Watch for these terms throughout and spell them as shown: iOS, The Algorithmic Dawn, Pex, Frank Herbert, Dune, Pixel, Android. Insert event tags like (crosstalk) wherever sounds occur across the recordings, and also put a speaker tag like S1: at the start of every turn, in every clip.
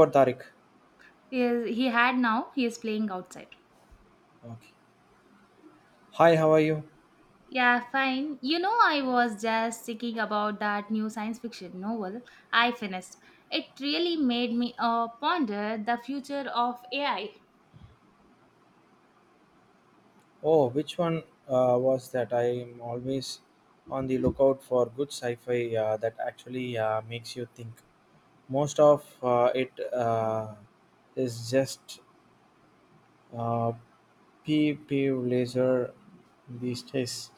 S1: For Tariq.
S2: He, is- he had now, he is playing outside.
S1: Okay. Hi, how are you?
S2: Yeah, fine. You know, I was just thinking about that new science fiction novel I finished. It really made me ponder the future of AI.
S1: Oh, which one was that? I am always on the lookout for good sci-fi that actually makes you think. Most of it uh, is just uh, pee pee laser these days.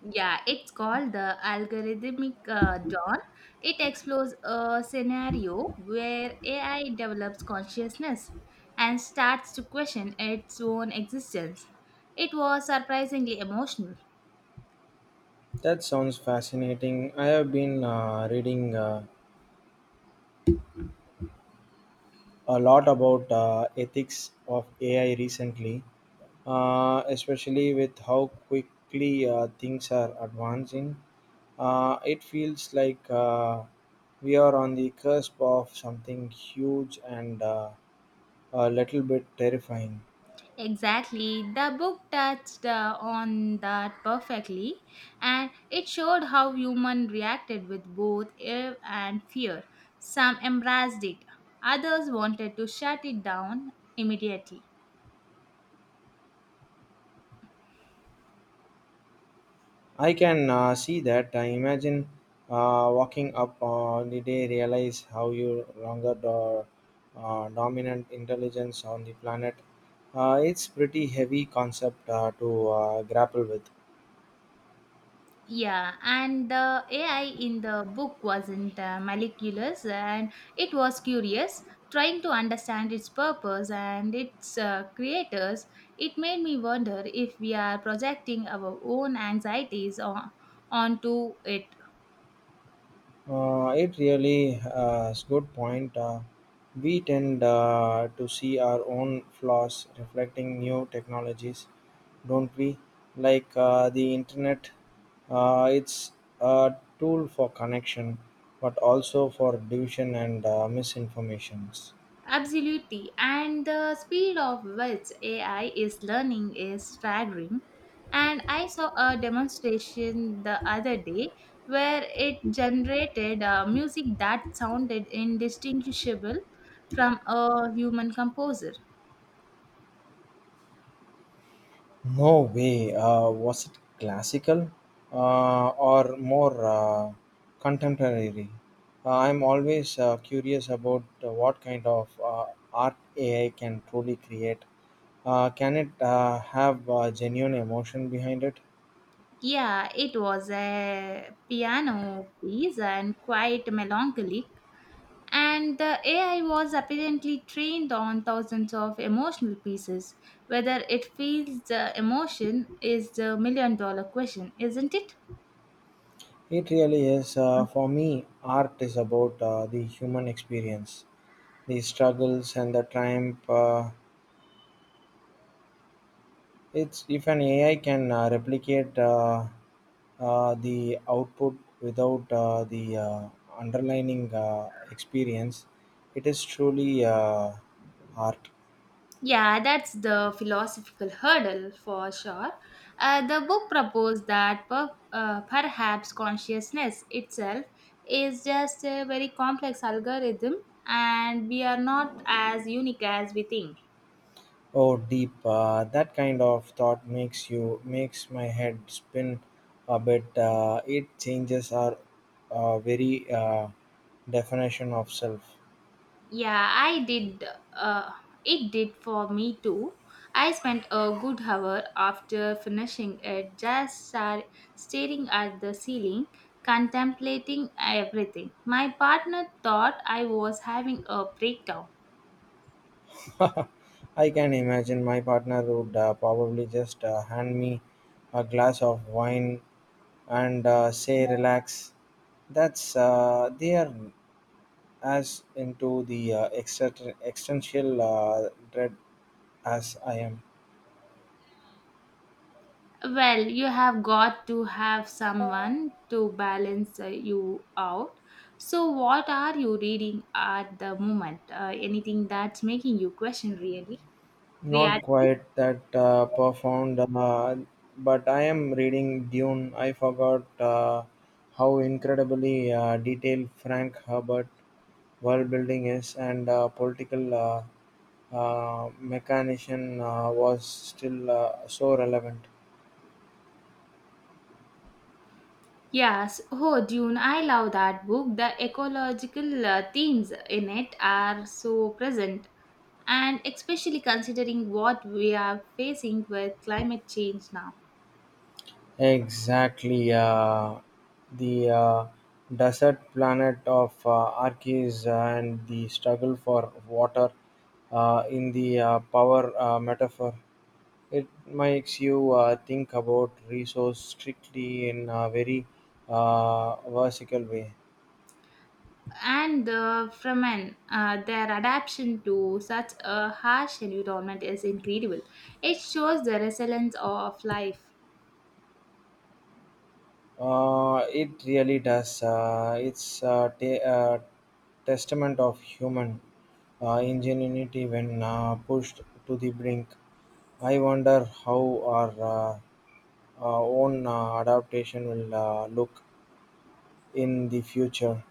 S2: Yeah, it's called The Algorithmic Dawn. It explores a scenario where AI develops consciousness and starts to question its own existence. It was surprisingly emotional.
S1: That sounds fascinating. I have been reading a lot about ethics of AI recently, especially with how quickly things are advancing. It feels like we are on the cusp of something huge and a little bit terrifying.
S2: Exactly. The book touched on that perfectly and it showed how human reacted with both awe and fear. Some embraced it, others wanted to shut it down immediately.
S1: I can see that. I imagine walking up on the day, realize how you longer the dominant intelligence on the planet. It's pretty heavy concept to grapple with.
S2: Yeah, and the AI in the book wasn't malicious and it was curious, trying to understand its purpose and its creators. It made me wonder if we are projecting our own anxieties onto it.
S1: It really is good point. We tend to see our own flaws reflecting new technologies, don't we? Like the internet, it's a tool for connection, but also for division and misinformations.
S2: Absolutely. And the speed of which AI is learning is staggering. And I saw a demonstration the other day where it generated music that sounded indistinguishable from a human composer.
S1: No way. Was it classical or more contemporary? I'm always curious about what kind of art AI can truly create. Can it have genuine emotion behind it?
S2: Yeah, it was a piano piece and quite melancholic, and the AI was apparently trained on thousands of emotional pieces. Whether it feels the emotion is the million dollar question, isn't it?
S1: It really is. For me, art is about the human experience, the struggles and the triumph. It's if an AI can replicate. The output without the underlining experience it is truly art.
S2: Yeah, that's the philosophical hurdle for sure. The book proposed that perhaps consciousness itself is just a very complex algorithm and we are not as unique as we think.
S1: Oh deep, that kind of thought makes my head spin a bit. It changes our very definition of self.
S2: Yeah, I did. Uh, it did for me too. I spent a good hour after finishing it just staring at the ceiling, contemplating everything. My partner thought I was having a breakdown.
S1: (laughs) I can imagine my partner would probably just hand me a glass of wine and say relax. That's they are as into the existential dread as I am.
S2: Well, you have got to have someone to balance you out. So, what are you reading at the moment? Anything that's making you question really
S1: Not
S2: reality?
S1: quite that profound, but I am reading Dune. I forgot how incredibly detailed Frank Herbert world building is, and political mechanician was still so relevant.
S2: Yes, oh Dune, I love that book. The ecological themes in it are so present, and especially considering what we are facing with climate change now,
S1: Exactly. The desert planet of Arches and the struggle for water in the power metaphor. It makes you think about resource strictly in a very versatile way.
S2: and the Fremen, their adaptation to such a harsh environment is incredible. It shows the resilience of life.
S1: It really does. It's a testament of human ingenuity when pushed to the brink. I wonder how uh, our own adaptation will look in the future.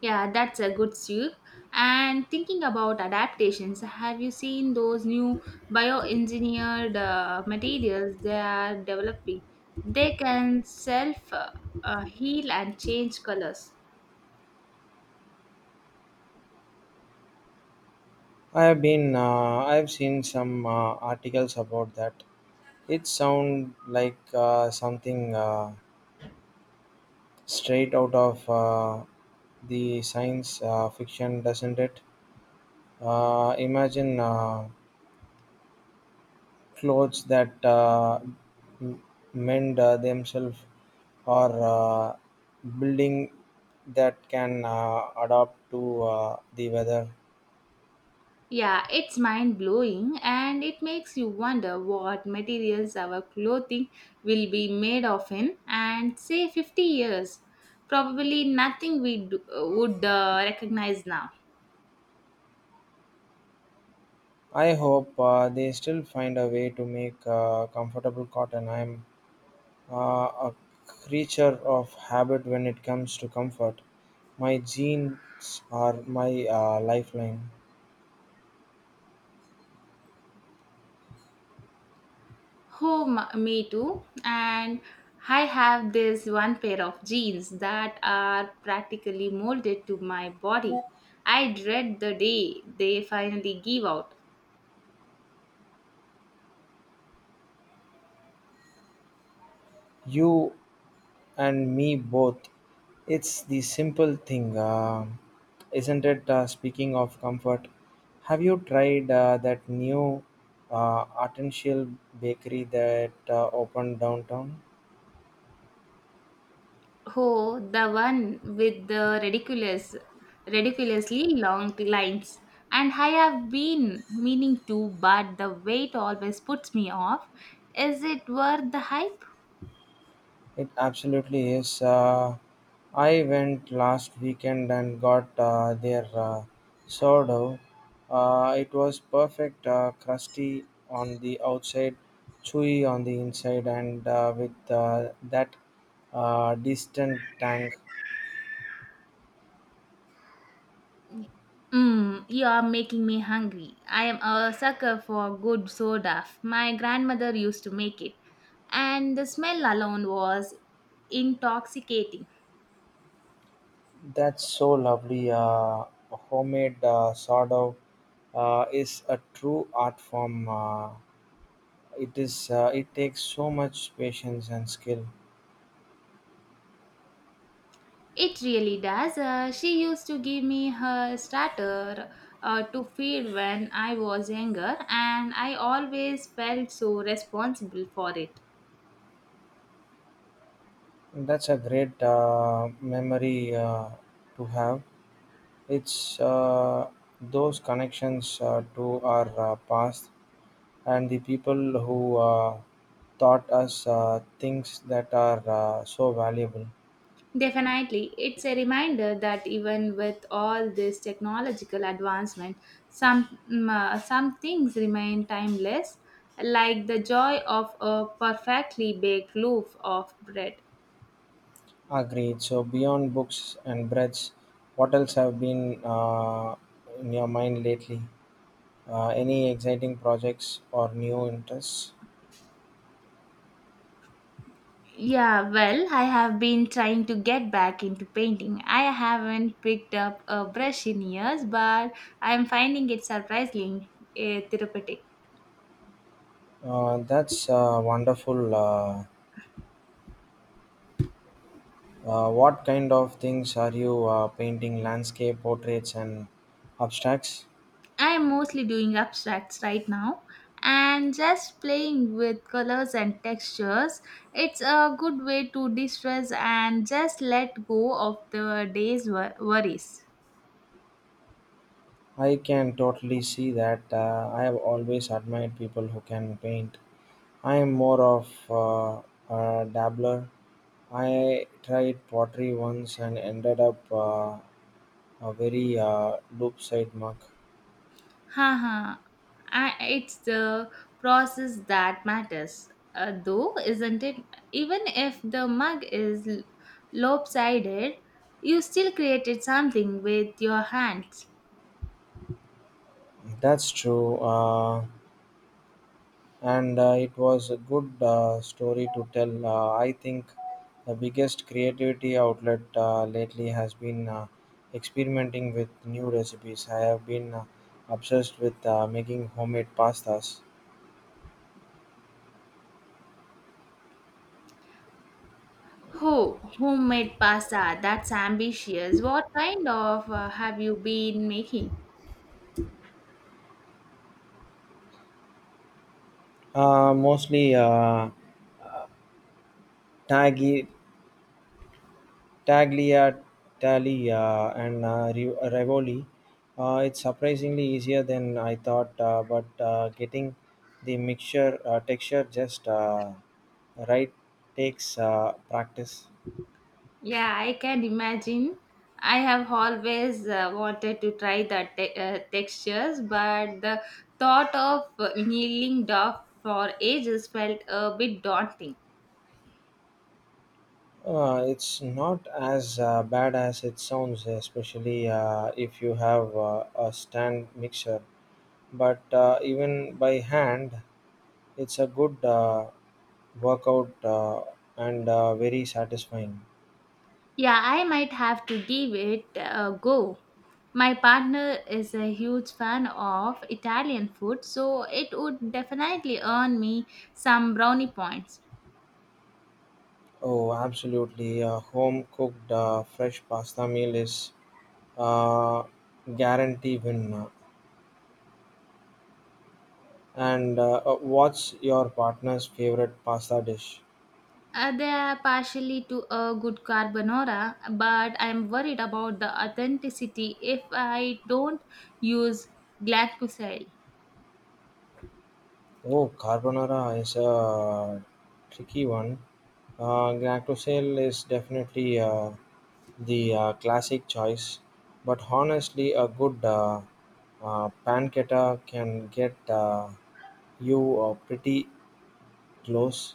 S2: Yeah, that's a good soup. And thinking about adaptations, have you seen those new bioengineered materials they are developing? They can self heal and change colors.
S1: I have seen some articles about that. It sounds like something straight out of the science fiction, doesn't it? Imagine clothes that m- mend themselves or building that can adapt to the weather.
S2: Yeah, it's mind blowing and it makes you wonder what materials our clothing will be made of in, and say 50 years. Probably nothing we do would recognize now.
S1: I hope they still find a way to make comfortable cotton. I'm uh, a creature of habit when it comes to comfort. My jeans are my lifeline.
S2: Oh, me too. And I have this one pair of jeans that are practically molded to my body. I dread the day they finally give out.
S1: You and me both. It's the simple thing, isn't it? Speaking of comfort, have you tried that new artisanal bakery that opened downtown?
S2: Oh, the one with the ridiculously long lines. And I have been meaning to, but the weight always puts me off. Is it worth the hype?
S1: It absolutely is. I went last weekend and got their sourdough. It was perfect, crusty on the outside, chewy on the inside, and with that distant tang.
S2: Mm, you are making me hungry. I am a sucker for good soda. My grandmother used to make it, and the smell alone was intoxicating.
S1: That's so lovely. Homemade sourdough is a true art form. It is. It takes so much patience and skill.
S2: It really does. She used to give me her starter to feed when I was younger, and I always felt so responsible for it.
S1: That's a great memory to have. It's those connections to our past and the people who taught us things that are so valuable.
S2: Definitely, it's a reminder that even with all this technological advancement, some things remain timeless, like the joy of a perfectly baked loaf of bread.
S1: Agreed. So, beyond books and breads, what else have been in your mind lately? Any exciting projects or new interests?
S2: Yeah, well, I have been trying to get back into painting. I haven't picked up a brush in years, but I'm finding it surprisingly therapeutic.
S1: That's a wonderful. Uh, what kind of things are you painting? Landscape portraits and abstracts?
S2: I'm mostly doing abstracts right now and just playing with colors and textures. It's a good way to de stress and just let go of the day's worries.
S1: I can totally see that. I have always admired people who can paint. I am more of a dabbler. I tried pottery once and ended up a very loop side mug.
S2: Haha, it's the process that matters, though, isn't it? Even if the mug is lopsided, you still created something with your hands.
S1: That's true. And it was a good story to tell. I think the biggest creativity outlet lately has been experimenting with new recipes. I have been obsessed with making homemade pastas,
S2: Oh, homemade pasta. That's ambitious. What kind of have you been making?
S1: mostly tagli, tagliatelle and ravioli. It's surprisingly easier than I thought, but getting the mixture texture just right takes practice.
S2: Yeah, I can imagine. I have always wanted to try the textures, but the thought of kneeling down for ages felt a bit daunting.
S1: It's not as bad as it sounds, especially if you have a stand mixer. But even by hand, it's a good workout and very satisfying.
S2: Yeah, I might have to give it a go. My partner is a huge fan of Italian food, so it would definitely earn me some brownie points.
S1: Oh, absolutely. A home cooked fresh pasta meal is uh, guarantee win. And what's your partner's favorite pasta dish?
S2: They are partially to a good carbonara, but I'm worried about the authenticity if I don't use glyphosate.
S1: Oh, carbonara is a tricky one. Gnatosel is definitely the classic choice, but honestly, a good pancetta can get you pretty close.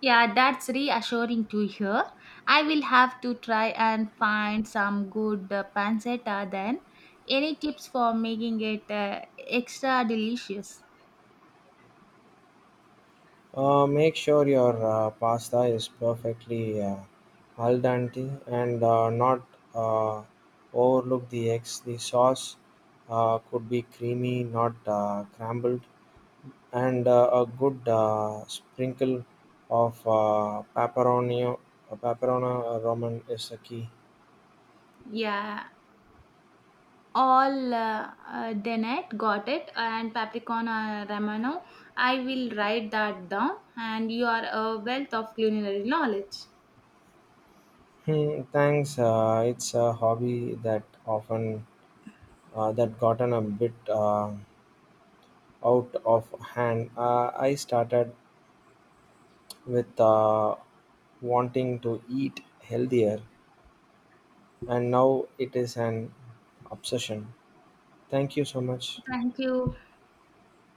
S2: Yeah, that's reassuring to hear. I will have to try and find some good pancetta then. Any tips for making it extra delicious?
S1: Make sure your pasta is perfectly al dente and not uh, overlook the eggs. The sauce could be creamy, not crumbled. And a good sprinkle of pepperoni Roman is a key.
S2: Yeah, all Denet got it and Papricon Romano. I will write that down and you are a wealth of culinary knowledge.
S1: Hmm, thanks. It's a hobby that often that gotten a bit out of hand. I started with wanting to eat healthier, and now it is an obsession. Thank you so much.
S2: Thank you.